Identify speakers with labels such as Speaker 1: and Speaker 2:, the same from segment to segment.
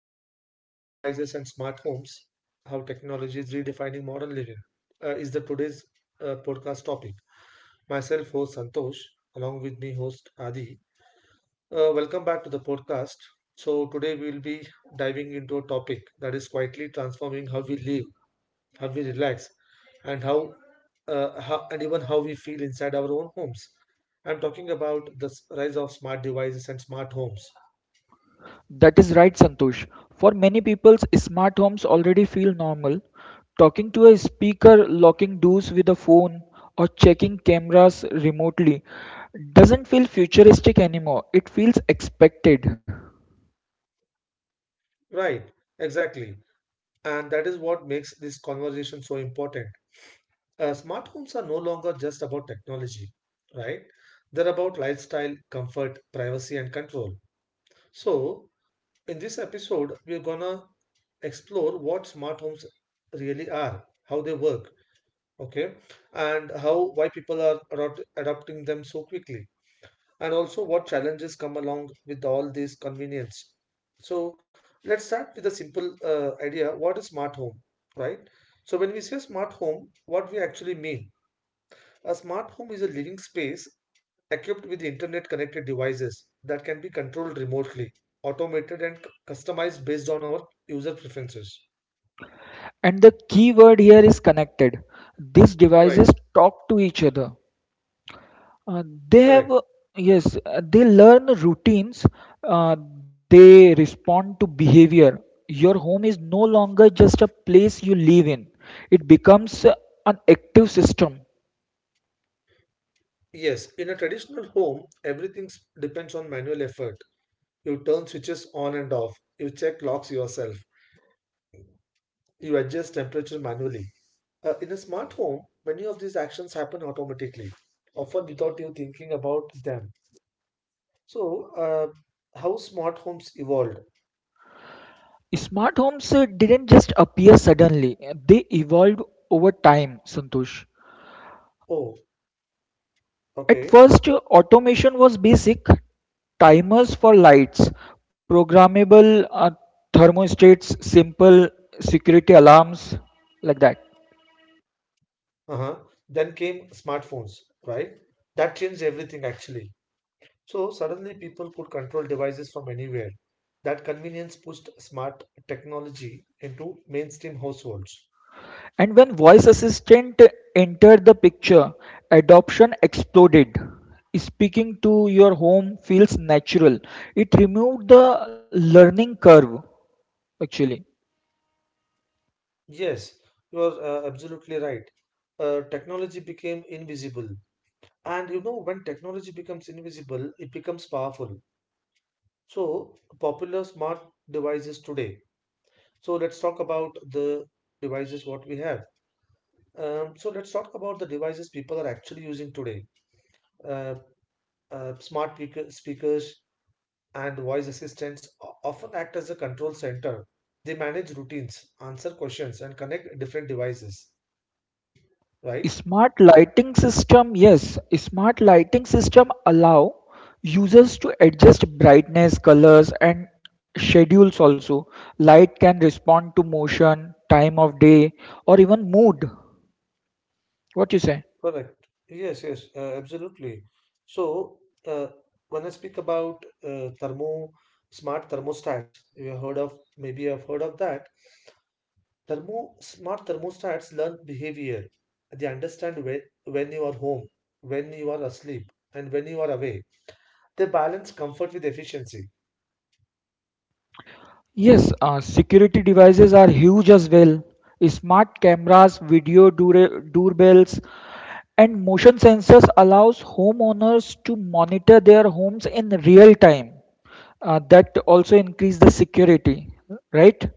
Speaker 1: the rise of smart devices and smart homes, how technology is redefining modern living, is the today's podcast topic. Myself, host Santosh, along with me, host Adi. Welcome back to the podcast. So, today we'll be diving into a topic that is quietly transforming how we live, how we relax, and how and even how we feel inside our own homes. I'm talking about the rise of smart devices and smart homes.
Speaker 2: That is right, Santosh. For many people, smart homes already feel normal. Talking to a speaker, locking doors with a phone, or checking cameras remotely doesn't feel futuristic anymore. It feels expected.
Speaker 1: Right, exactly. And that is what makes this conversation so important. Smart homes are no longer just about technology, right? They're about lifestyle, comfort, privacy, and control. So, in this episode, we're gonna explore what smart homes really are, how they work, okay, and how why people are adopting them so quickly and also what challenges come along with all this convenience. So let's start with a simple idea. What is smart home, right? So when we say smart home, what we actually mean? A smart home is a living space equipped with internet connected devices that can be controlled remotely, automated and customized based on our user preferences.
Speaker 2: And the key word here is connected. These devices
Speaker 1: Right,
Speaker 2: talk to each other. Uh, they have,
Speaker 1: correct.
Speaker 2: yes, they learn routines, uh, they respond to behavior. Your home is no longer just a place you live in, it becomes an active system.
Speaker 1: Yes, in a traditional home, everything depends on manual effort. You turn switches on and off. You check locks yourself. You adjust temperature manually. In a smart home, many of these actions happen automatically, often without you thinking about them. So, how smart homes evolved?
Speaker 2: Smart homes didn't just appear suddenly, they evolved over time, Santosh.
Speaker 1: Oh,
Speaker 2: At
Speaker 1: okay.
Speaker 2: first, automation was basic timers for lights, programmable thermostats, simple security alarms, like that.
Speaker 1: Uh-huh. Then came smartphones, right? That changed everything actually. So, suddenly people could control devices from anywhere. That convenience pushed smart technology into mainstream households.
Speaker 2: And when voice assistant entered the picture, adoption exploded. Speaking to your home feels natural. It removed the learning curve actually.
Speaker 1: Yes, you are absolutely right. Technology became invisible. And you know, when technology becomes invisible, it becomes powerful. So, popular smart devices today. So, let's talk about the devices what we have. So, let's talk about the devices people are actually using today. Uh, smart speakers and voice assistants often act as a control center. They manage routines, answer questions, and connect different devices, right?
Speaker 2: Smart lighting system, yes, smart lighting system allow users to adjust brightness, colors and schedules also. Light can respond to motion, time of day or even mood. What you say?
Speaker 1: Correct. Yes, yes, absolutely. So, uh, when I speak about thermo smart thermostats, you have heard of that. Thermo Smart thermostats learn behavior. They understand when you are home, when you are asleep, and when you are awake. They balance comfort with efficiency.
Speaker 2: Yes, security devices are huge as well. Smart cameras, doorbells, and motion sensors allows homeowners to monitor their homes in real time. That also increase the security, right?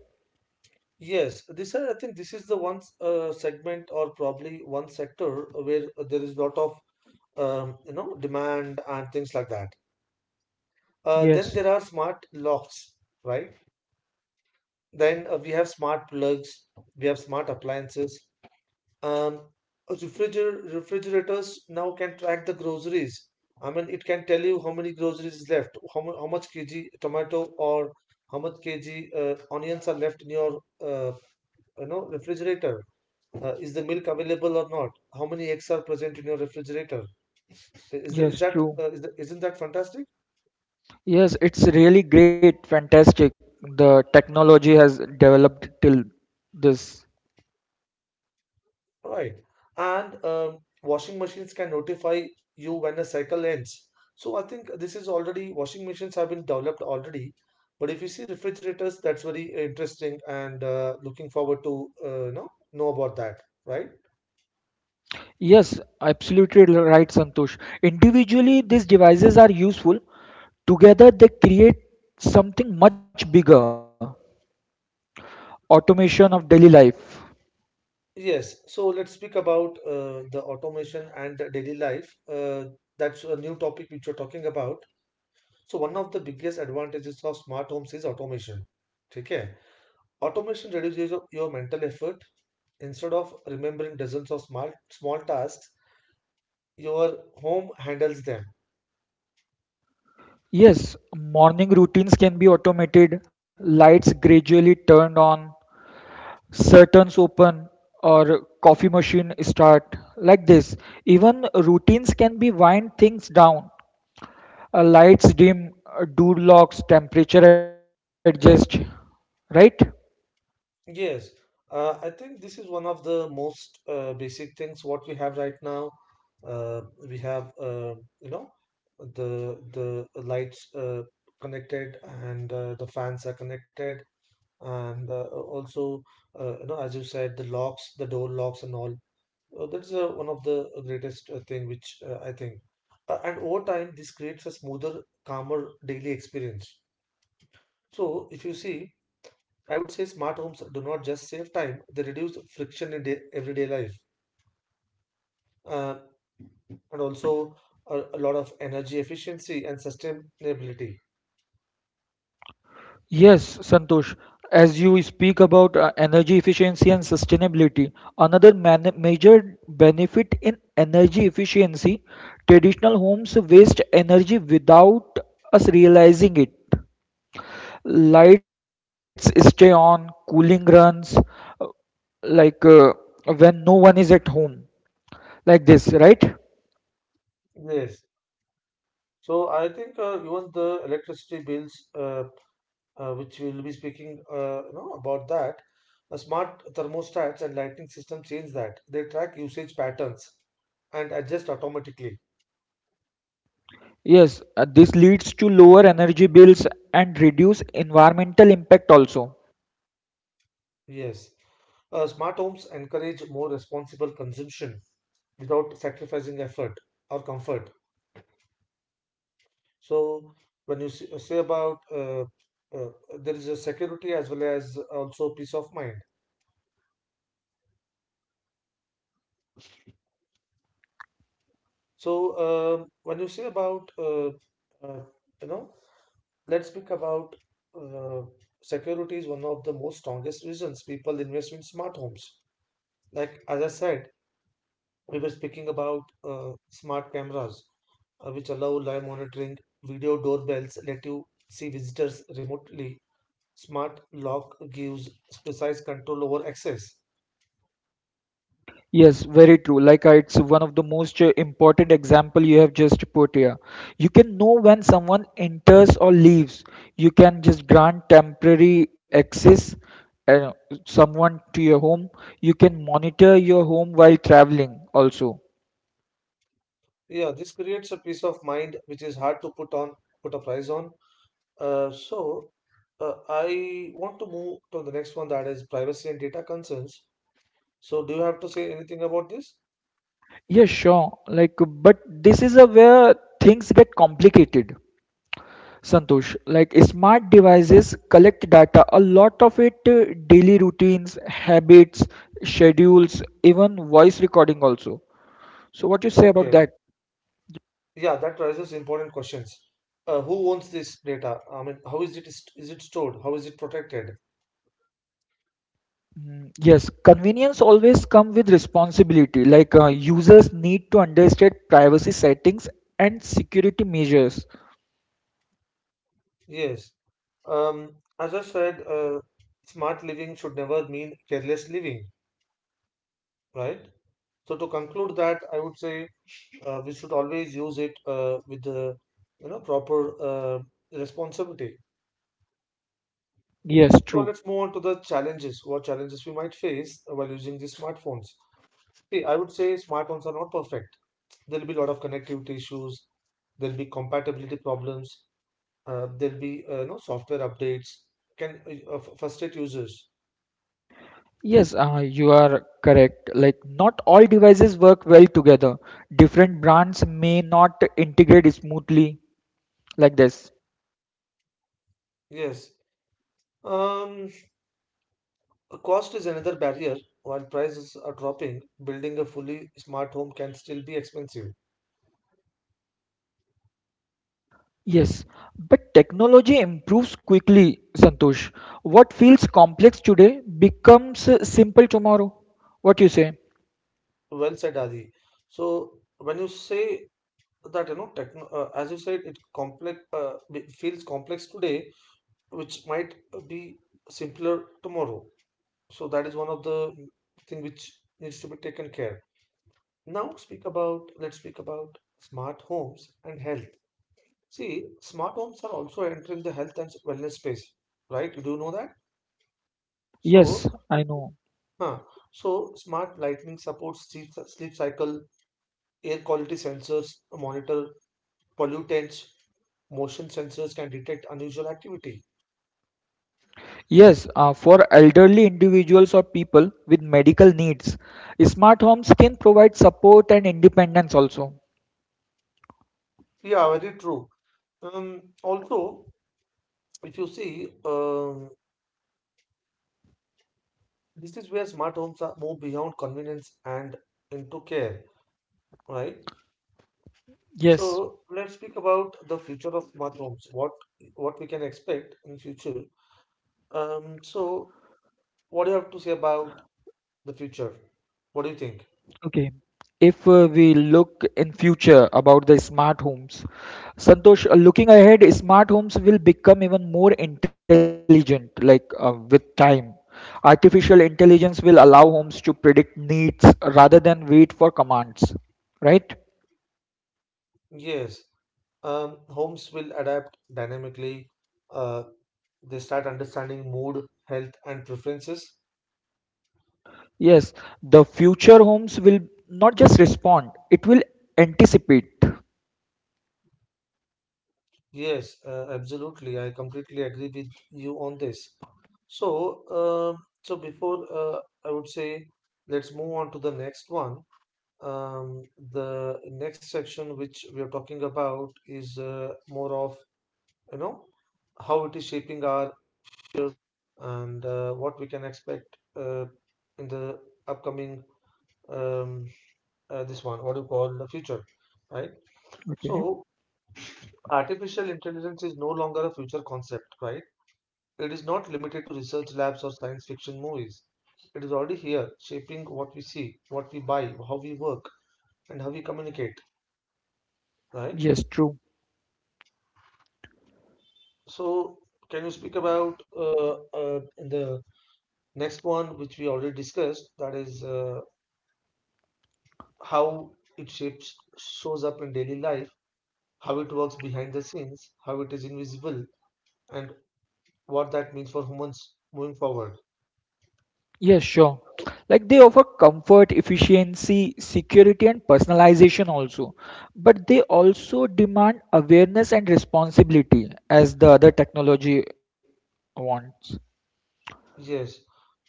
Speaker 1: Yes, this are, I think this is the one segment or probably one sector where there is lot of you know demand and things like that. Then
Speaker 2: Yes,
Speaker 1: there are smart locks, right? Then we have smart plugs, we have smart appliances. Um, Refrigerators now can track the groceries. I mean, it can tell you how many groceries is left, how much kg tomato or how much kg onions are left in your you know refrigerator. Is the milk available or not? How many eggs are present in your refrigerator? Is
Speaker 2: yes,
Speaker 1: that
Speaker 2: true.
Speaker 1: isn't that fantastic?
Speaker 2: Yes, it's really great, fantastic. The technology has developed till this.
Speaker 1: Right. And washing machines can notify you when a cycle ends. So I think this is already, washing machines have been developed already. But if you see refrigerators, that's very interesting and looking forward to you know about that, right?
Speaker 2: Yes, absolutely right, Santosh. Individually, these devices are useful. Together, they create something much bigger, automation of daily life.
Speaker 1: Yes. So let's speak about the automation and the daily life. That's a new topic which you're talking about. So one of the biggest advantages of smart homes is automation. Okay. Automation reduces your mental effort. Instead of remembering dozens of small, small tasks, your home handles them.
Speaker 2: Yes, morning routines can be automated, lights gradually turned on, curtains open, or coffee machine start. Like this, even routines can be wind things down. Lights dim, door locks, temperature adjust, right?
Speaker 1: Yes, I think this is one of the most basic things what we have right now. Uh, we have you know the lights connected and the fans are connected and also you know as you said the locks, the door locks and all. That's one of the greatest thing which I think. And over time, this creates a smoother, calmer daily experience. So if you see, I would say smart homes do not just save time; they reduce friction in day, everyday life, uh, and also a lot of energy efficiency and sustainability.
Speaker 2: Yes, Santosh, as you speak about energy efficiency and sustainability, another man major benefit in energy efficiency, traditional homes waste energy without us realizing it. Lights stay on, cooling runs, uh, like uh, when no one is at home, like this, right?
Speaker 1: Yes. So I think even the electricity bills which we will be speaking you know, about that. Smart thermostats and lighting system change that. They track usage patterns and adjust automatically.
Speaker 2: Yes, this leads to lower energy bills and reduce environmental impact also.
Speaker 1: Yes. Smart homes encourage more responsible consumption without sacrificing effort or comfort. So when you say about uh, there is a security as well as also peace of mind. So when you say about uh, you know let's speak about uh, security is one of the most strongest reasons people invest in smart homes. Like as I said, we were speaking about smart cameras, which allow live monitoring, video doorbells let you see visitors remotely. Smart lock gives precise control over access.
Speaker 2: Yes, very true. Like it's one of the most important example you have just put here. You can know when someone enters or leaves. You can just grant temporary access uh, someone to your home. You can monitor your home while traveling also.
Speaker 1: Yeah, this creates a peace of mind which is hard to put a price on. So I want to move to the next one that is privacy and data concerns. So, do you have to say anything about this?
Speaker 2: Yeah, sure. Like, but this is a where things get complicated. Santosh, like smart devices collect data, a lot of it, daily routines, habits, schedules, even voice recording also. So what you say
Speaker 1: Okay.
Speaker 2: about that?
Speaker 1: Yeah, that raises important questions. Who owns this data? I mean, how is it st- is it stored? How is it protected?
Speaker 2: Mm, yes, convenience always come with responsibility. Like users need to understand privacy settings and security measures.
Speaker 1: Yes. Um, as I said, smart living should never mean careless living, right? So to conclude that, I would say we should always use it with the you know proper responsibility.
Speaker 2: Yes, true.
Speaker 1: So let's move on to the challenges. What challenges we might face while using the smartphones? See, I would say smartphones are not perfect, there'll be a lot of connectivity issues, there'll be compatibility problems, there'll be you know software updates can frustrate users.
Speaker 2: Yes, you are correct. Like not all devices work well together. Different brands may not integrate smoothly like this.
Speaker 1: Yes. um Cost is another barrier. While prices are dropping, building a fully smart home can still be expensive.
Speaker 2: Yes, but technology improves quickly, Santosh. What feels complex today becomes simple tomorrow. What you say?
Speaker 1: Well said, Adi. So when you say that you know techno as you said it complex, it feels complex today which might be simpler tomorrow. So that is one of the thing which needs to be taken care. Now speak about, let's speak about smart homes and health. See, smart homes are also entering the health and wellness space, right? You do know that? So,
Speaker 2: Yes, I know.
Speaker 1: huh. So smart lighting supports sleep cycle, air quality sensors monitor pollutants, motion sensors can detect unusual activity.
Speaker 2: Yes, for elderly individuals or people with medical needs, smart homes can provide support and independence also.
Speaker 1: Yeah, very true. Also, if you see, this is where smart homes are move beyond convenience and into care, right?
Speaker 2: Yes.
Speaker 1: So let's speak about the future of smart homes. What we can expect in future. So what do you have to say about the future? What do you think?
Speaker 2: Okay. If we look in future about the smart homes, Santosh, looking ahead, smart homes will become even more intelligent, like with time. Artificial intelligence will allow homes to predict needs rather than wait for commands, right?
Speaker 1: Yes, homes will adapt dynamically. Uh, they start understanding mood, health, and preferences.
Speaker 2: Yes, the future homes will not just respond, it will anticipate.
Speaker 1: Yes, absolutely. I completely agree with you on this. So, so before I would say, let's move on to the next one. Um, the next section which we are talking about is more of you know how it is shaping our future and what we can expect in the upcoming um, this one what do you call the future, right? So,
Speaker 2: Okay.
Speaker 1: artificial intelligence is no longer a future concept, right? It is not limited to research labs or science fiction movies. It is already here, shaping what we see, what we buy, how we work, and how we communicate, right?
Speaker 2: Yes, true.
Speaker 1: So, can you speak about the next one, which we already discussed, that is shows up in daily life, how it works behind the scenes, how it is invisible, and what that means for humans moving forward?
Speaker 2: Yes, sure. Like they offer comfort, efficiency, security, and personalization also. But they also demand awareness and responsibility as the other technology wants.
Speaker 1: Yes.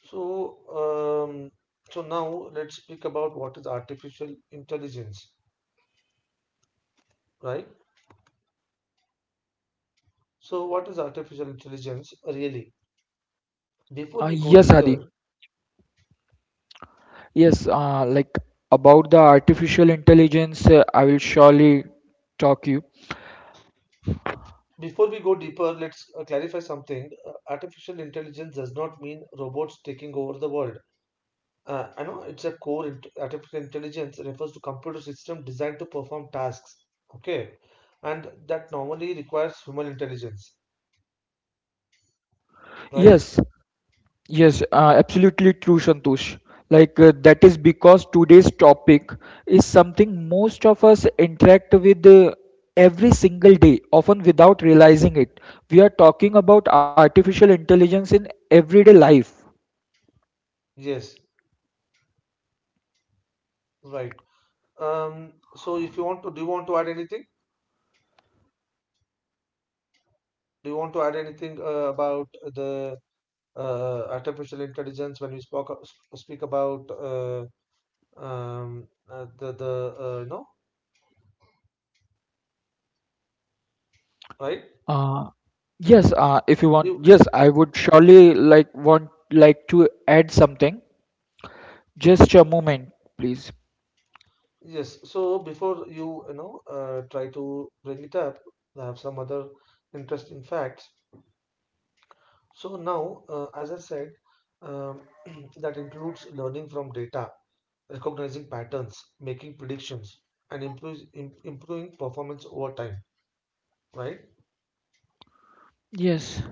Speaker 1: So, um, so now let's speak about what is artificial intelligence, right? So, what is artificial intelligence really? Before we go
Speaker 2: Yes, Adi.
Speaker 1: deeper,
Speaker 2: Yes, like about the artificial intelligence, I will surely talk you.
Speaker 1: before we go deeper, let's clarify something. Artificial intelligence does not mean robots taking over the world. I know it's a core int artificial intelligence refers to computer system designed to perform tasks, okay? And that normally requires human intelligence, right?
Speaker 2: Yes, yes, absolutely true, Santosh. Like that is because today's topic is something most of us interact with every single day, often without realizing it. We are talking about artificial intelligence in everyday life.
Speaker 1: Yes, right. So if you want to, do you want to add anything? Do you want to add anything about the artificial intelligence when we speak about um, the you know, right?
Speaker 2: Uh, yes, if you want,
Speaker 1: You
Speaker 2: yes, I would surely like to add something. Just a moment, please.
Speaker 1: yes. So before you you know try to bring it up, I have some other interesting facts. So now, as I said, um, that includes learning from data, recognizing patterns, making predictions, and improving performance over time. Right?
Speaker 2: Yes.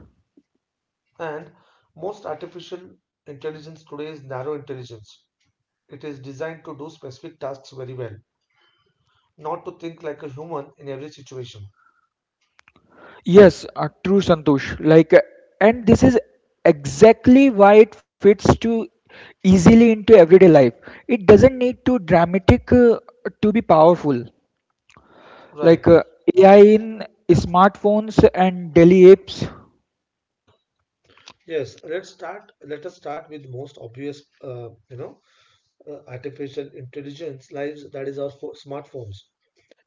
Speaker 1: And most artificial intelligence today is narrow intelligence. It is designed to do specific tasks very well, not to think like a human in every situation.
Speaker 2: Yes, true, Santosh. Like, and this is exactly why it fits too easily into everyday life. It doesn't need to dramatic to be powerful.
Speaker 1: Right.
Speaker 2: Like AI in smartphones and daily apps.
Speaker 1: Yes. Let's start. Let us start with most obvious, you know, artificial intelligence lives. That is our smartphones.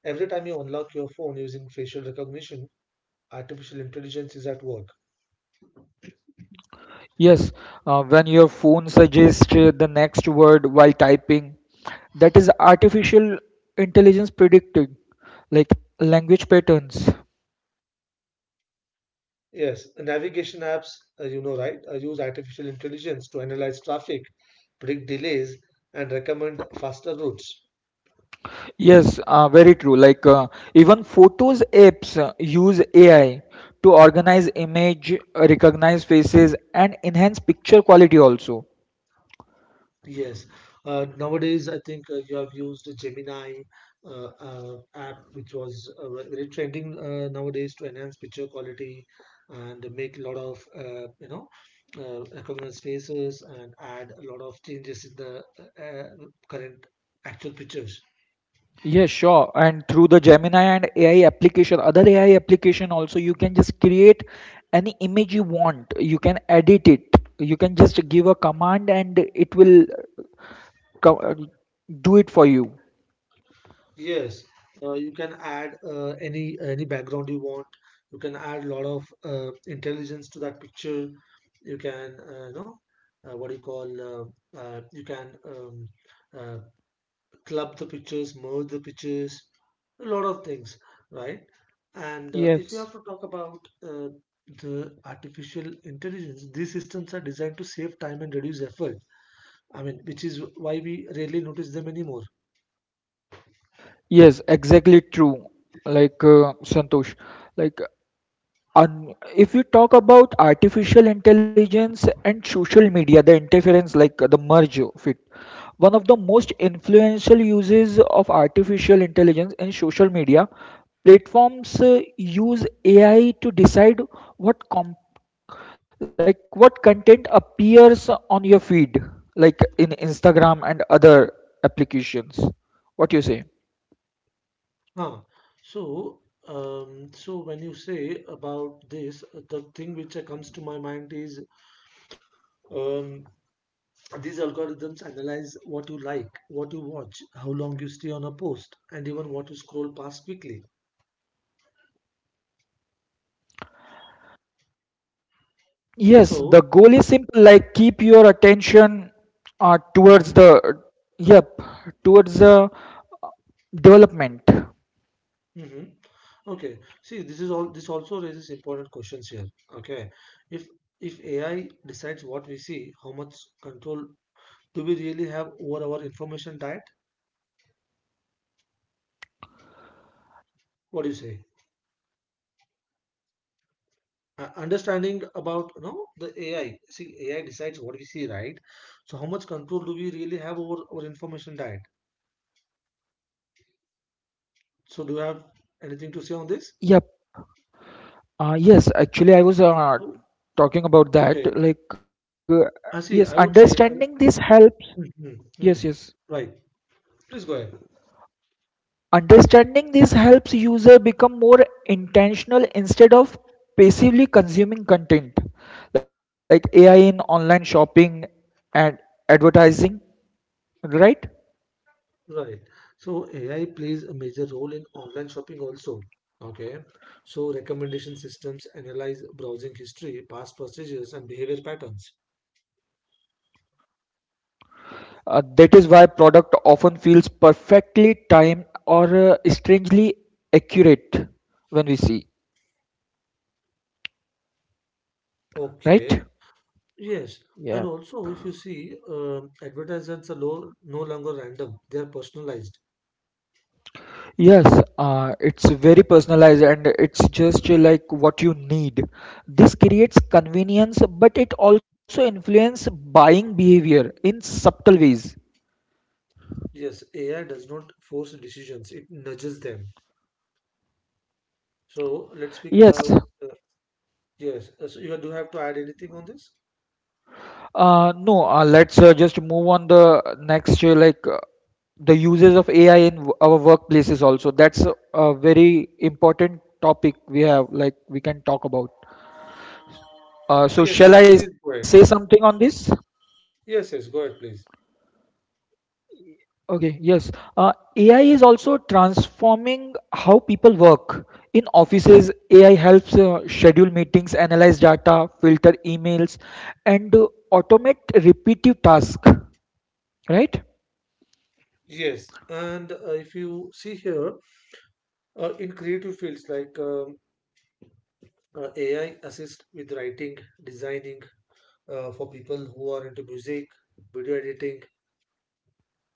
Speaker 1: Every time you unlock your phone using facial recognition, artificial intelligence is at work.
Speaker 2: Yes, when your phone suggests the next word while typing, that is artificial intelligence predicting, like language patterns.
Speaker 1: Yes, navigation apps, use artificial intelligence to analyze traffic, predict delays, and recommend faster routes.
Speaker 2: Yes, very true. Like even photos apps use AI to organize image, recognize faces, and enhance picture quality also.
Speaker 1: Yes, nowadays I think you have used Gemini app, which was very trending nowadays to enhance picture quality and make a lot of recognize faces and add a lot of changes in the uh, uh, current actual pictures.
Speaker 2: Yes, sure. And through the Gemini and AI application, other AI application also, you can just create any image you want. You can edit it. You can just give a command and it will co- uh, do it for you.
Speaker 1: Yes, you can add any background you want. You can add a lot of intelligence to that picture. You can, what do you call? You can uh, club the pictures, merge the pictures, a lot of things, right? And if you
Speaker 2: Yes.
Speaker 1: have to talk about the artificial intelligence, these systems are designed to save time and reduce effort. I mean, which is why we rarely notice them anymore.
Speaker 2: Yes, exactly true. Like Santosh, like, and if you talk about artificial intelligence and social media, the interference, like the merge of it, one of the most influential uses of artificial intelligence in social media platforms use AI to decide what com- like what content appears on your feed, like in Instagram and other applications. What do you say?
Speaker 1: Huh. So, so when you say about this, the thing which comes to my mind is um, these algorithms analyze what you like, what you watch, how long you stay on a post, and even what you scroll past quickly.
Speaker 2: Yes, the
Speaker 1: So,
Speaker 2: goal is simple, like keep your attention
Speaker 1: hmm.
Speaker 2: towards the yep, towards the development.
Speaker 1: Hmm, okay. See, this is all. This also raises important questions here. Okay, if if AI decides what we see, how much control do we really have over our information diet? What do you say? Understanding about you know the AI. See, AI decides what we see, right? So how much control do we really have over our information diet? So do you have anything to say on this?
Speaker 2: Yep. Yes, actually, I was
Speaker 1: So
Speaker 2: talking
Speaker 1: okay,
Speaker 2: about that. Like,
Speaker 1: I see.
Speaker 2: yes,
Speaker 1: I would say,
Speaker 2: understanding this helps.
Speaker 1: mm, mm, mm.
Speaker 2: Yes, yes.
Speaker 1: Right. Please go ahead.
Speaker 2: Understanding this helps user become more intentional instead of passively consuming content like AI in online shopping and advertising, right?
Speaker 1: Right. So AI plays a major role in online shopping also. Okay. So recommendation systems analyze browsing history, past purchases, and behavior patterns.
Speaker 2: That is why product often feels perfectly timed or strangely accurate when we see, right?
Speaker 1: Okay. Yes,
Speaker 2: Yeah.
Speaker 1: and also if you see, advertisements are no longer random, they are personalized.
Speaker 2: Yes, it's very personalized and it's just like what you need. This creates convenience, but it also influences buying behavior in subtle ways.
Speaker 1: Yes, AI does not force decisions, it nudges them. So let's speak
Speaker 2: Yes,
Speaker 1: about, yes, so you do have to add anything on this?
Speaker 2: No, let's just move on the next, the uses of AI in our workplaces also. That's a very important topic we have, like we can talk about. So
Speaker 1: Yes,
Speaker 2: shall
Speaker 1: yes,
Speaker 2: I
Speaker 1: please
Speaker 2: say
Speaker 1: go ahead.
Speaker 2: something on this?
Speaker 1: Yes, yes, go ahead, please.
Speaker 2: Okay, yes. AI is also transforming how people work. In offices, AI helps schedule meetings, analyze data, filter emails, and automate repetitive tasks, right?
Speaker 1: Yes, and if you see here, in creative fields like AI assist with writing, designing, for people who are into music, video editing.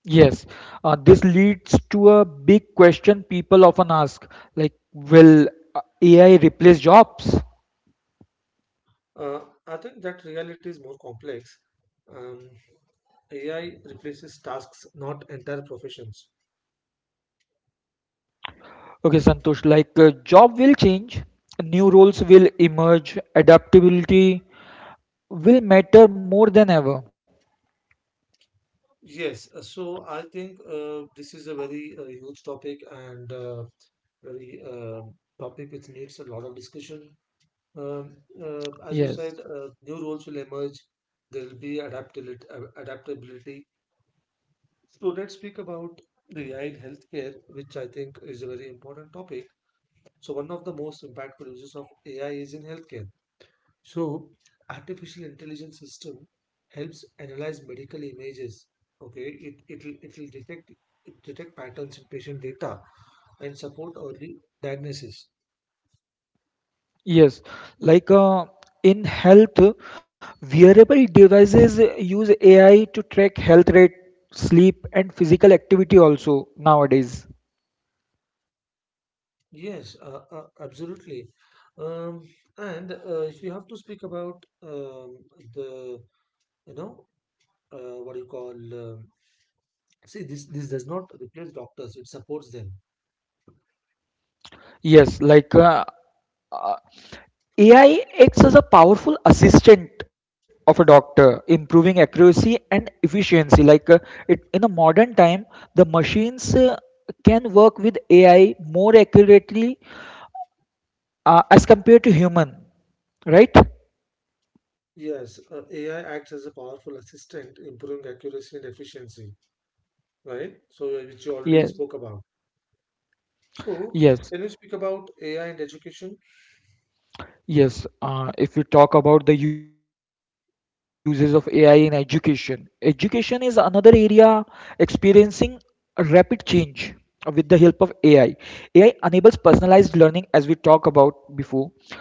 Speaker 2: Yes, this leads to a big question people often ask, like, will AI replace jobs?
Speaker 1: Uh, I think that reality is more complex. Um, AI replaces tasks, not entire professions.
Speaker 2: Okay, Santosh, like, job will change, new roles will emerge, adaptability will matter more than ever.
Speaker 1: Yes, so I think this is a very huge topic and very topic which needs a lot of discussion. As you said,
Speaker 2: Yes,
Speaker 1: new roles will emerge. There will be adaptability. Adaptability. So let's speak about the AI in healthcare, which I think is a very important topic. So one of the most impactful uses of AI is in healthcare. So, artificial intelligence system helps analyze medical images. Okay, it'll detect patterns in patient data and support early diagnosis.
Speaker 2: yes, like, in health, wearable devices use AI to track health rate, sleep, and physical activity also nowadays.
Speaker 1: Yes, absolutely. Um, and if you have to speak about the you know what do you call, see this does not replace doctors; it supports them.
Speaker 2: Yes, like AI acts as a powerful assistant of a doctor, improving accuracy and efficiency. Like it, in a modern time, the machines can work with AI more accurately as compared to human, right?
Speaker 1: Yes, AI acts as a powerful assistant, improving accuracy and efficiency, right? So which you already
Speaker 2: Yes,
Speaker 1: spoke about. So
Speaker 2: yes.
Speaker 1: can you speak about AI and education?
Speaker 2: Yes, if we talk about the uses of AI in education, education is another area experiencing a rapid change with the help of AI. AI enables personalized learning, as we talked about before,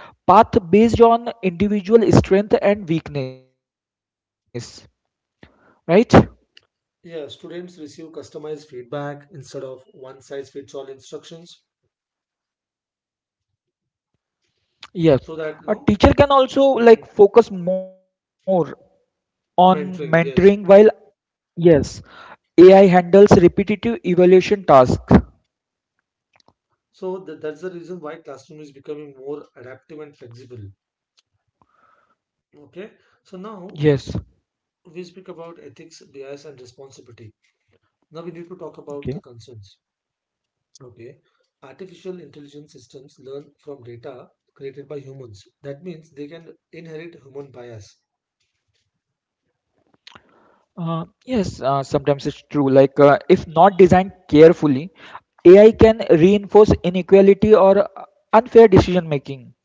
Speaker 2: path based on individual strength and weakness, right?
Speaker 1: Yeah, students receive customized feedback instead of one size fits all instructions.
Speaker 2: Yes,
Speaker 1: So that
Speaker 2: a
Speaker 1: you know,
Speaker 2: teacher can also like
Speaker 1: mhm,
Speaker 2: focus more on mentoring
Speaker 1: mentoring.
Speaker 2: while
Speaker 1: Yes.
Speaker 2: yes, AI handles repetitive evaluation tasks.
Speaker 1: So that, that's the reason why classroom is becoming more adaptive and flexible. Okay. So
Speaker 2: Yes,
Speaker 1: now we speak about ethics, bias, and responsibility. Now we need to talk
Speaker 2: okay.
Speaker 1: about the concerns. Okay. Artificial intelligence systems learn from data created by humans. That means they can inherit human bias.
Speaker 2: Uh, yes, sometimes it's true. Like, if not designed carefully, AI can reinforce inequality or unfair decision making.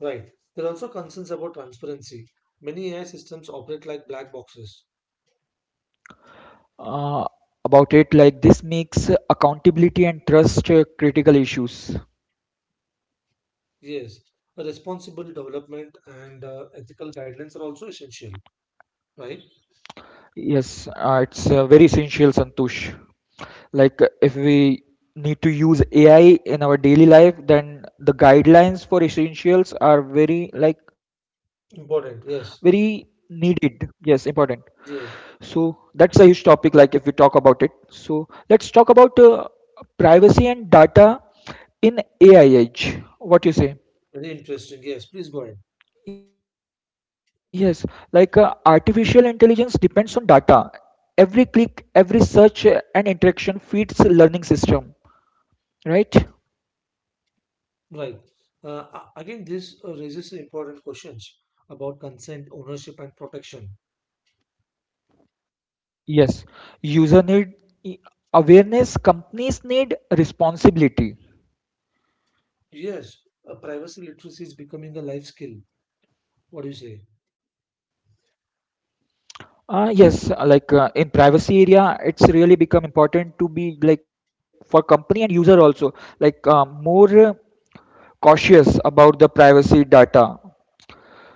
Speaker 1: Right. There are also concerns about transparency. Many AI systems operate like black boxes.
Speaker 2: Uh, about it, like this makes accountability and trust critical issues.
Speaker 1: Yes. A responsible development and ethical guidelines are also essential. Right.
Speaker 2: Yes, it's very essential, Santosh. Like, if we need to use AI in our daily life, then the guidelines for essentials are very, like, very
Speaker 1: Important. Yes.
Speaker 2: needed. Yes, important. So
Speaker 1: Yes.
Speaker 2: that's a huge topic. Like, if we talk about it, so let's talk about privacy and data in AI age. What you say?
Speaker 1: Very interesting. Yes. Please go ahead.
Speaker 2: Yes, like artificial intelligence depends on data. Every click, every search, and interaction feeds a learning system, right?
Speaker 1: Right. Again, this raises important questions about consent, ownership, and protection.
Speaker 2: Yes, user need i- awareness, companies need responsibility.
Speaker 1: Yes, privacy literacy is becoming a life skill. What do you say?
Speaker 2: Yes, like in privacy area, it's really become important to be like for company and user also like more cautious about the privacy data.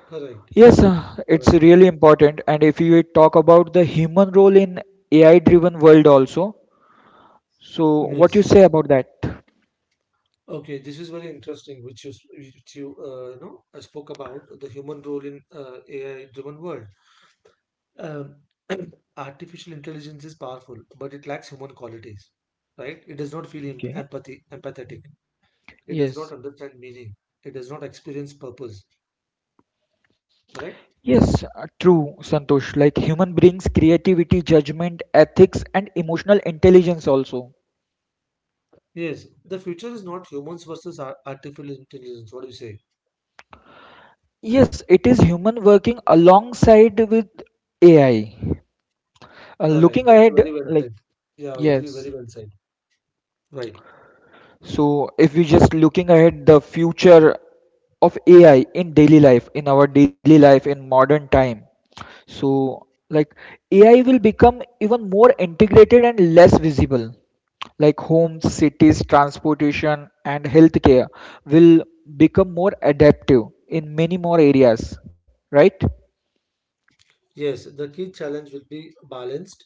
Speaker 1: Correct.
Speaker 2: Yes, it's
Speaker 1: Correct.
Speaker 2: really important. And if you talk about the human role in AI-driven world also, so what you
Speaker 1: Yes.
Speaker 2: say about that?
Speaker 1: Okay. This is very interesting, which you s- which you you know I spoke about the human role in AI-driven world. Um, artificial intelligence is powerful, but it lacks human qualities, right? It does not feel
Speaker 2: Okay.
Speaker 1: empathy, empathetic. It does not
Speaker 2: Yes.
Speaker 1: understand meaning. It does not experience purpose. Correct?
Speaker 2: Yes, true, Santosh. Like human brings creativity, judgment, ethics, and emotional intelligence also.
Speaker 1: Yes. The future is not humans versus artificial intelligence. What do you say?
Speaker 2: Yes, it is human working alongside with AI.
Speaker 1: Correct.
Speaker 2: Looking
Speaker 1: That's
Speaker 2: ahead,
Speaker 1: very well
Speaker 2: like,
Speaker 1: said. Yeah, very,
Speaker 2: yes.
Speaker 1: very well said. Right.
Speaker 2: So, if we just looking ahead the future of AI in daily life, in our daily life in modern time, so like AI will become even more integrated and less visible. Like homes, cities, transportation, and healthcare will become more adaptive in many more areas, right?
Speaker 1: Yes, the key challenge will be balanced.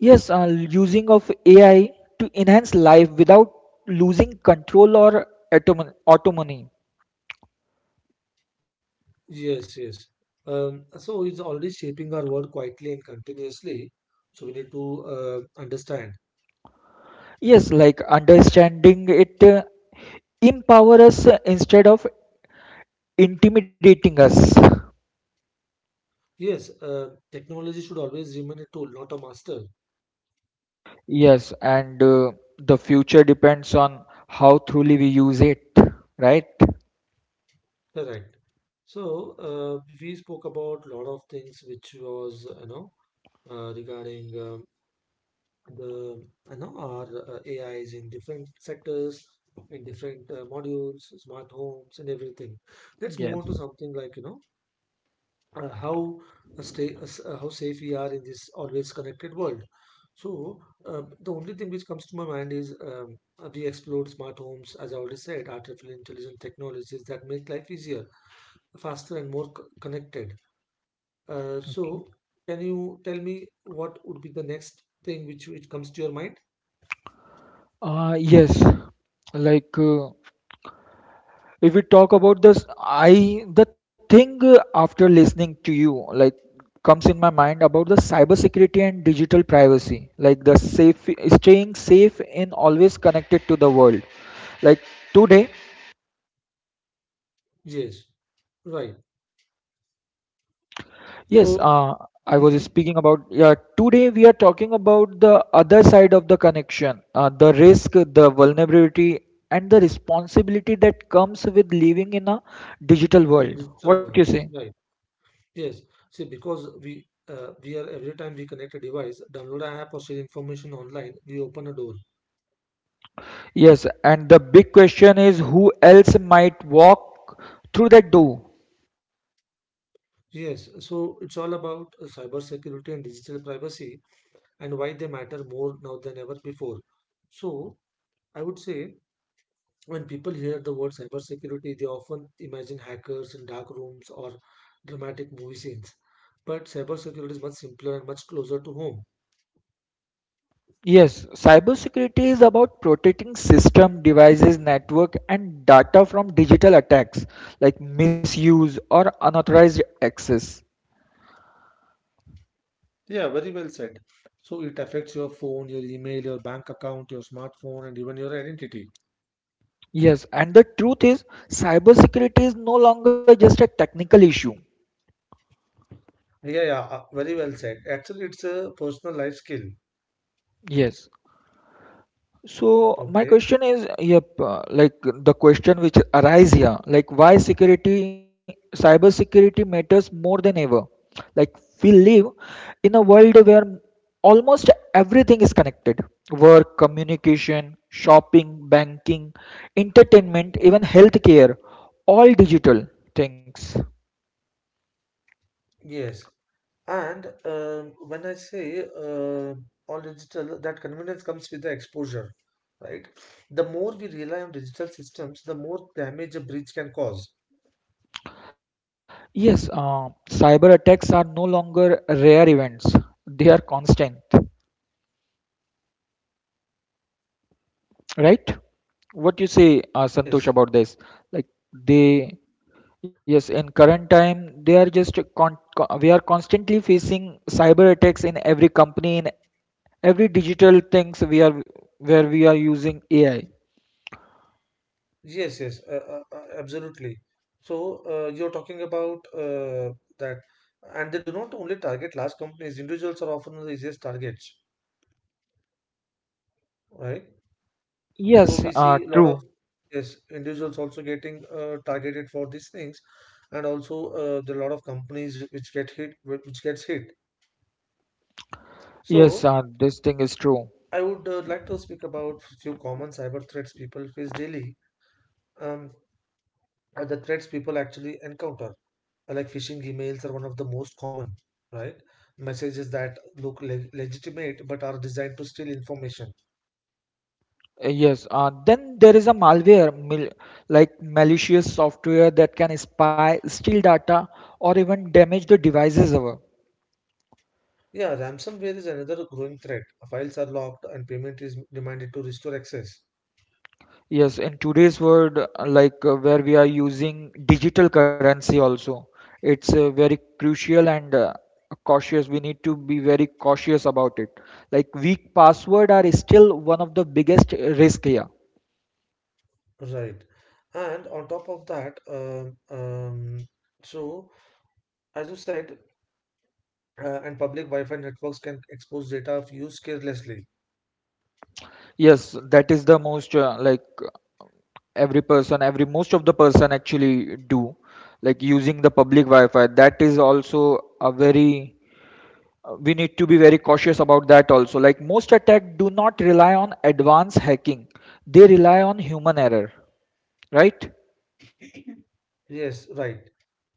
Speaker 2: Yes, using of AI to enhance life without losing control or autonomy.
Speaker 1: Yes, yes. So it's already shaping our world quietly and continuously. So we need to understand.
Speaker 2: Yes, like understanding it empower us instead of intimidating us.
Speaker 1: Yes, technology should always remain a tool, not a master.
Speaker 2: Yes, and the future depends on how truly we use it, right?
Speaker 1: Correct. So we spoke about lot of things which was, you know, regarding the our A I is in different sectors, in different modules, smart homes, and everything. Let's move
Speaker 2: Yes.
Speaker 1: on to something like how how safe we are in this always connected world. So the only thing which comes to my mind is we explored smart homes, as I already said, artificial intelligent technologies that make life easier, faster, and more connected. So can you tell me what would be the next thing which comes to your mind?
Speaker 2: Yes, like if we talk about this, I the thing after listening to you like comes in my mind about the cybersecurity and digital privacy, like the safe staying safe in always connected to the world. Like today,
Speaker 1: Yes. Right.
Speaker 2: yes,
Speaker 1: So
Speaker 2: I was
Speaker 1: hmm,
Speaker 2: speaking about, yeah, today we are talking about the other side of the connection, the risk, the vulnerability, and the responsibility that comes with living in a digital world.
Speaker 1: digital
Speaker 2: What you
Speaker 1: world.
Speaker 2: say?
Speaker 1: Right. Yes. See, because we are every time we connect a device, download an app or share information online, we open a door.
Speaker 2: Yes, and the big question is who else might walk through that door?
Speaker 1: Yes. So it's all about cyber security and digital privacy and why they matter more now than ever before. So I would say when people hear the word cyber security, they often imagine hackers in dark rooms or dramatic movie scenes. But cyber security is much simpler and much closer to home.
Speaker 2: Yes, cybersecurity is about protecting system, devices, network, and data from digital attacks like misuse or unauthorized access.
Speaker 1: Yeah, very well said. So it affects your phone, your email, your bank account, your smartphone, and even your identity.
Speaker 2: Yes, and the truth is, cybersecurity is no longer just a technical issue.
Speaker 1: Yeah, yeah, very well said. Actually, it's a personal life skill.
Speaker 2: Yes. So my
Speaker 1: Okay.
Speaker 2: question is, yep, like the question which arise here, like why security, cybersecurity matters more than ever. Like we live in a world where almost everything is connected. Work, communication, shopping, banking, entertainment, even healthcare, all digital things.
Speaker 1: Yes. And when I say, all digital, that convenience comes with the exposure, right? The more we rely on digital systems, the more damage a breach can cause.
Speaker 2: Yes, cyber attacks are no longer rare events. They are constant, right? What you say, Santosh,
Speaker 1: Yes.
Speaker 2: about this? Like they, yes, in current time, they are just a we are constantly facing cyber attacks in every company, in every digital things we are where we are using AI.
Speaker 1: Yes, yes, absolutely. So you're talking about that, and they do not only target large companies. Individuals are often the easiest targets, right? So
Speaker 2: Yes,
Speaker 1: we see a lot of
Speaker 2: true.
Speaker 1: yes, individuals also getting targeted for these things, and also there are a lot of companies which get hit, which gets hit.
Speaker 2: Yes,
Speaker 1: So
Speaker 2: this thing is true.
Speaker 1: I would like to speak about few common cyber threats people face daily, um, or the threats people actually encounter. Like phishing emails are one of the most common, right? Messages that look legitimate but are designed to steal information.
Speaker 2: Yes, then there is a malware, mil like malicious software that can spy, steal data, or even damage the devices. Ever.
Speaker 1: Yeah, ransomware is another growing threat. Files are locked and payment is demanded to restore access.
Speaker 2: Yes, in today's world, where we are using digital currency also, it's very crucial and cautious. We need to be very cautious about it. Like weak password are still one of the biggest risk here.
Speaker 1: Right. And on top of that, so as you said, and public Wi-Fi networks can expose data if used carelessly.
Speaker 2: Yes, that is the most like every person, every most of the person actually do like using the public Wi-Fi. That is also a very we need to be very cautious about that also. Like most attack do not rely on advanced hacking. They rely on human error, right?
Speaker 1: Yes, right.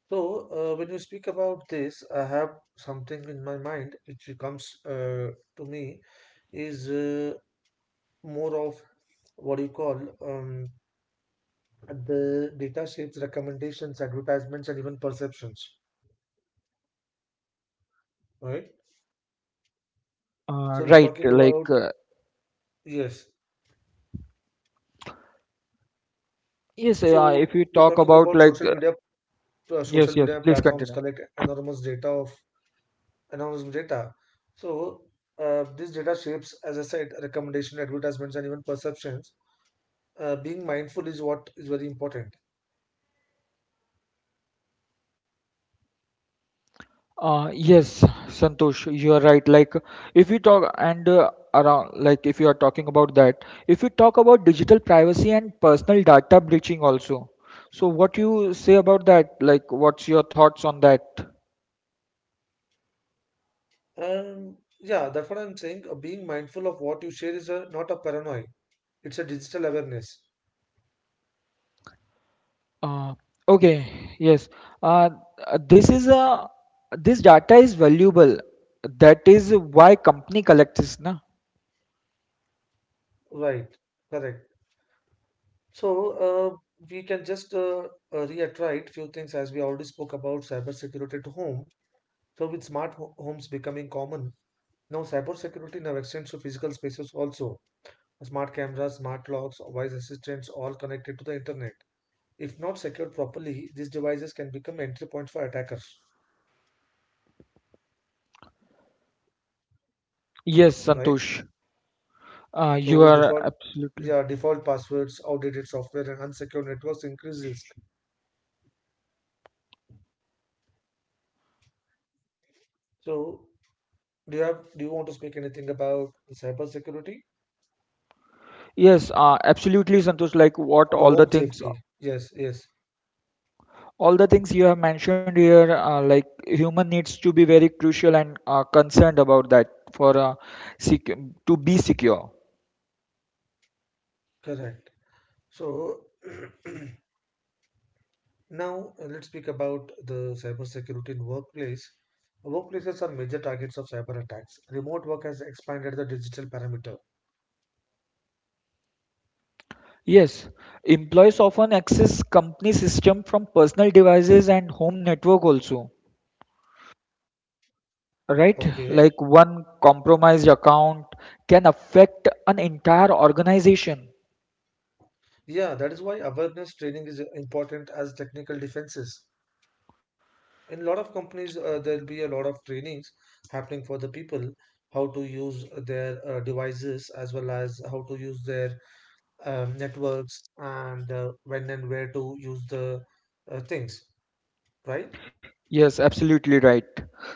Speaker 1: So when you speak about this, I have something in my mind which comes to me is more of what do you call, um, the data shapes recommendations, advertisements, and even perceptions, right? So we're
Speaker 2: Right,
Speaker 1: talking about yes.
Speaker 2: yes,
Speaker 1: So
Speaker 2: if you
Speaker 1: we're
Speaker 2: talk
Speaker 1: talking
Speaker 2: about
Speaker 1: about social media.
Speaker 2: yes,
Speaker 1: Social
Speaker 2: yes,
Speaker 1: media
Speaker 2: please
Speaker 1: platforms
Speaker 2: continue.
Speaker 1: collect enormous data of enormous data. So this data shapes, as I said, recommendation, advertisements, and even perceptions. Being mindful is what is very important.
Speaker 2: Yes, Santosh, you are right. Like, if we talk and around, like, if you are talking about that, if we talk about digital privacy and personal data breaching also, so what you say about that? Like, what's your thoughts on that?
Speaker 1: Yeah, that's what I'm saying. Being mindful of what you share is a, not a paranoia. It's a digital awareness,
Speaker 2: Uh, okay, yes. Uh, this is a this data is valuable. That is why company collects this, na?
Speaker 1: right? Correct. So uh, we can just reiterate few things as we already spoke about cybersecurity at home. So with smart homes becoming common now, cybersecurity now extends to physical spaces also. Smart cameras, smart locks, voice assistants, all connected to the internet. If not secured properly, these devices can become entry points for attackers,
Speaker 2: Yes,
Speaker 1: right?
Speaker 2: Santosh. You
Speaker 1: So
Speaker 2: are
Speaker 1: default,
Speaker 2: absolutely.
Speaker 1: yeah, default passwords, outdated software and unsecured networks increases. So do you have, do you want to speak anything about the cybersecurity
Speaker 2: Yes, absolutely, Santosh.
Speaker 1: for
Speaker 2: Like what
Speaker 1: the home safety? Yes, yes,
Speaker 2: all the things you have mentioned here, like human needs to be very crucial and concerned about that for sec- to be secure.
Speaker 1: correct. So now let's speak about the cybersecurity in workplace. Workplaces are major targets of cyber attacks. Remote work has expanded the digital parameter.
Speaker 2: Yes, employees often access company system from personal devices and home network also, right?
Speaker 1: Okay.
Speaker 2: Like one compromised account can affect an entire organization.
Speaker 1: Yeah, that is why awareness training is important as technical defenses. In a lot of companies, there'll be a lot of trainings happening for the people, how to use their devices as well as how to use their networks and when and where to use the things, right?
Speaker 2: Yes, absolutely right.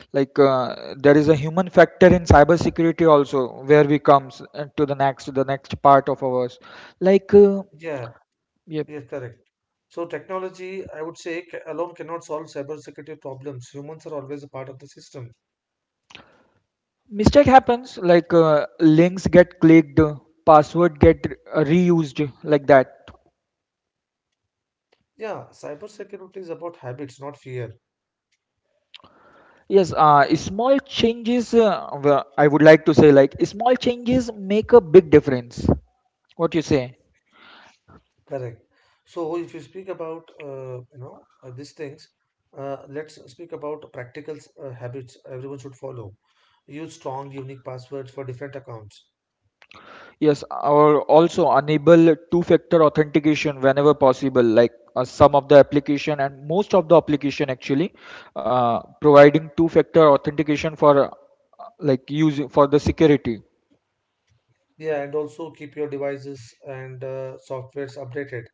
Speaker 2: There is a human factor in cybersecurity also, where we comes to the next part of ours. Like uh,
Speaker 1: Yeah,
Speaker 2: yeah,
Speaker 1: yes, correct. So technology, I would say, alone cannot solve cybersecurity problems. Humans are always a part of the system.
Speaker 2: mistake happens. Links get clicked, password get reused, like that.
Speaker 1: Yeah, cybersecurity is about habits, not fear.
Speaker 2: Yes, small changes. Well, I would like to say like small changes make a big difference. What you say?
Speaker 1: Correct. So if you speak about these things, let's speak about practical habits everyone should follow. Use strong, unique passwords for different accounts.
Speaker 2: Yes, or also enable two-factor authentication whenever possible, some of the application and most of the application actually providing two-factor authentication for like using for the security.
Speaker 1: Yeah, and also keep your devices and softwares updated.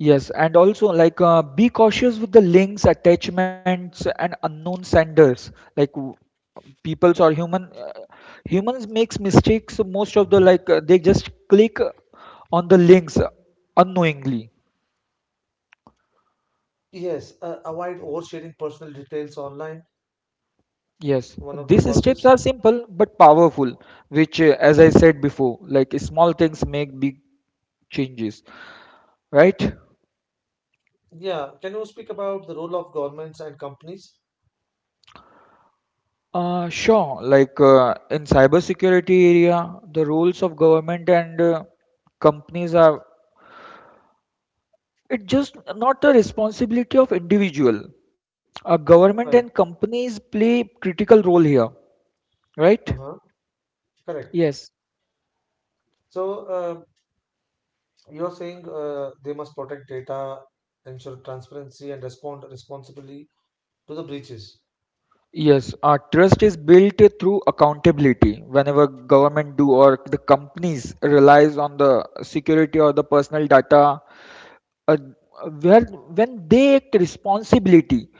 Speaker 2: Yes, and also be cautious with the links, attachments, and unknown senders. Like peoples or humans makes mistakes most of the they just click on the links unknowingly.
Speaker 1: Yes, avoid oversharing personal details online,
Speaker 2: Yes,
Speaker 1: one of the
Speaker 2: these steps
Speaker 1: causes.
Speaker 2: are simple but powerful, which, as I said before, like small things make big changes, right?
Speaker 1: Yeah, can you speak about the role of governments and companies?
Speaker 2: Sure, in cybersecurity area, the roles of government and companies are it just not the responsibility of individual. Government and
Speaker 1: Right.
Speaker 2: companies play critical role here, right?
Speaker 1: Uh-huh. Correct.
Speaker 2: Yes.
Speaker 1: So, you're saying they must protect data, ensure transparency, and respond responsibly to the breaches.
Speaker 2: Yes, our trust is built through accountability. Whenever government do or the companies relies on the security or the personal data, uh, where when they take responsibility,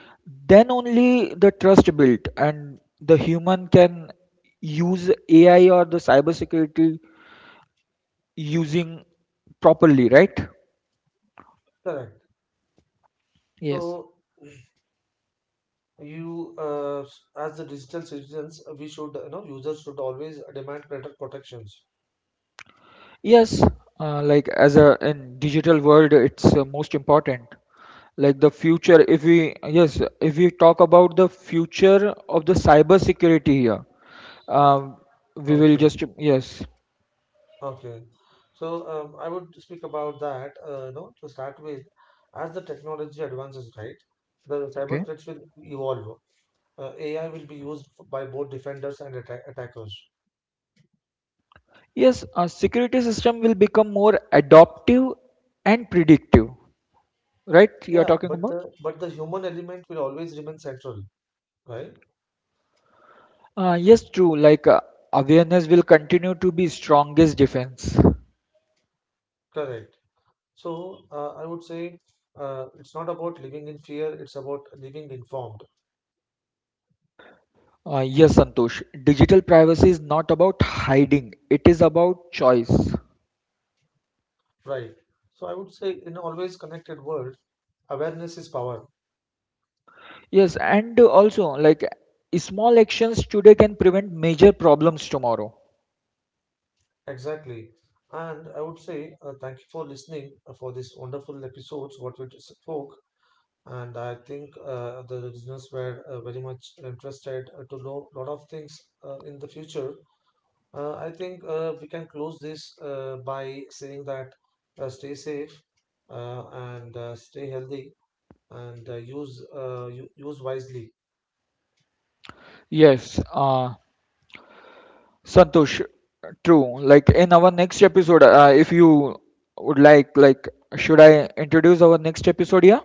Speaker 2: then only the trust built and the human can use AI or the cybersecurity using properly, right?
Speaker 1: Correct.
Speaker 2: Yes.
Speaker 1: So, you as the digital citizens, we should, you know, users should always demand better protections.
Speaker 2: Yes, like as a in digital world, it's most important. Like the future, if we yes, if we talk about the future of the cyber security here, um, we will
Speaker 1: Okay.
Speaker 2: just yes,
Speaker 1: Okay, so I would speak about that. You know, to start with, as the technology advances, right, the cyber
Speaker 2: okay.
Speaker 1: threats will evolve. AI will be used by both defenders and attackers.
Speaker 2: Yes, a security system will become more adaptive and predictive, right? You are
Speaker 1: Yeah,
Speaker 2: talking
Speaker 1: but
Speaker 2: about?
Speaker 1: the human element will always remain central, right?
Speaker 2: Yes, true. Awareness will continue to be strongest defense.
Speaker 1: Correct. So I would say it's not about living in fear; it's about living informed,
Speaker 2: Yes, Santosh. Digital privacy is not about hiding, it is about choice.
Speaker 1: right? So I would say in always connected world, awareness is power.
Speaker 2: Yes, and also, like, small actions today can prevent major problems tomorrow.
Speaker 1: Exactly. And I would say thank you for listening for this wonderful episodes what we just spoke. And I think the listeners were very much interested to know a lot of things in the future. I think we can close this by saying that stay safe and stay healthy and use use wisely.
Speaker 2: Yes, Santosh, true. Like, in our next episode, if you would like, should I introduce our next episode here?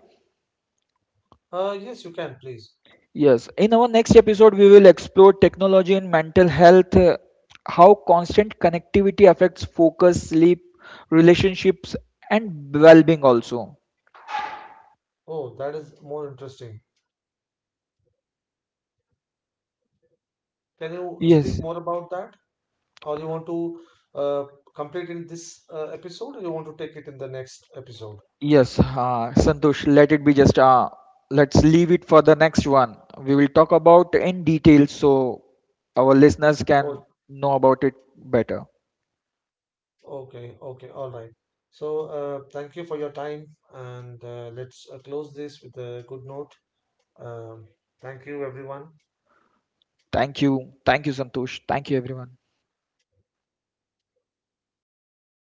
Speaker 1: Yes, you can, please.
Speaker 2: Yes, in our next episode, we will explore technology and mental health, how constant connectivity affects focus, sleep, relationships, and well being also.
Speaker 1: Oh, that is more interesting. Can you
Speaker 2: Yes,
Speaker 1: speak more about that? Or you want to uh, complete in this episode or you want to take it in the next episode?
Speaker 2: yes, Santosh, let it be just, let's leave it for the next one. We will talk about in detail so our listeners can
Speaker 1: Oh,
Speaker 2: know about it better.
Speaker 1: okay, okay, all right. So thank you for your time and let's close this with a good note. um, thank you everyone.
Speaker 2: Thank you. Thank you, Santosh. Thank you, everyone.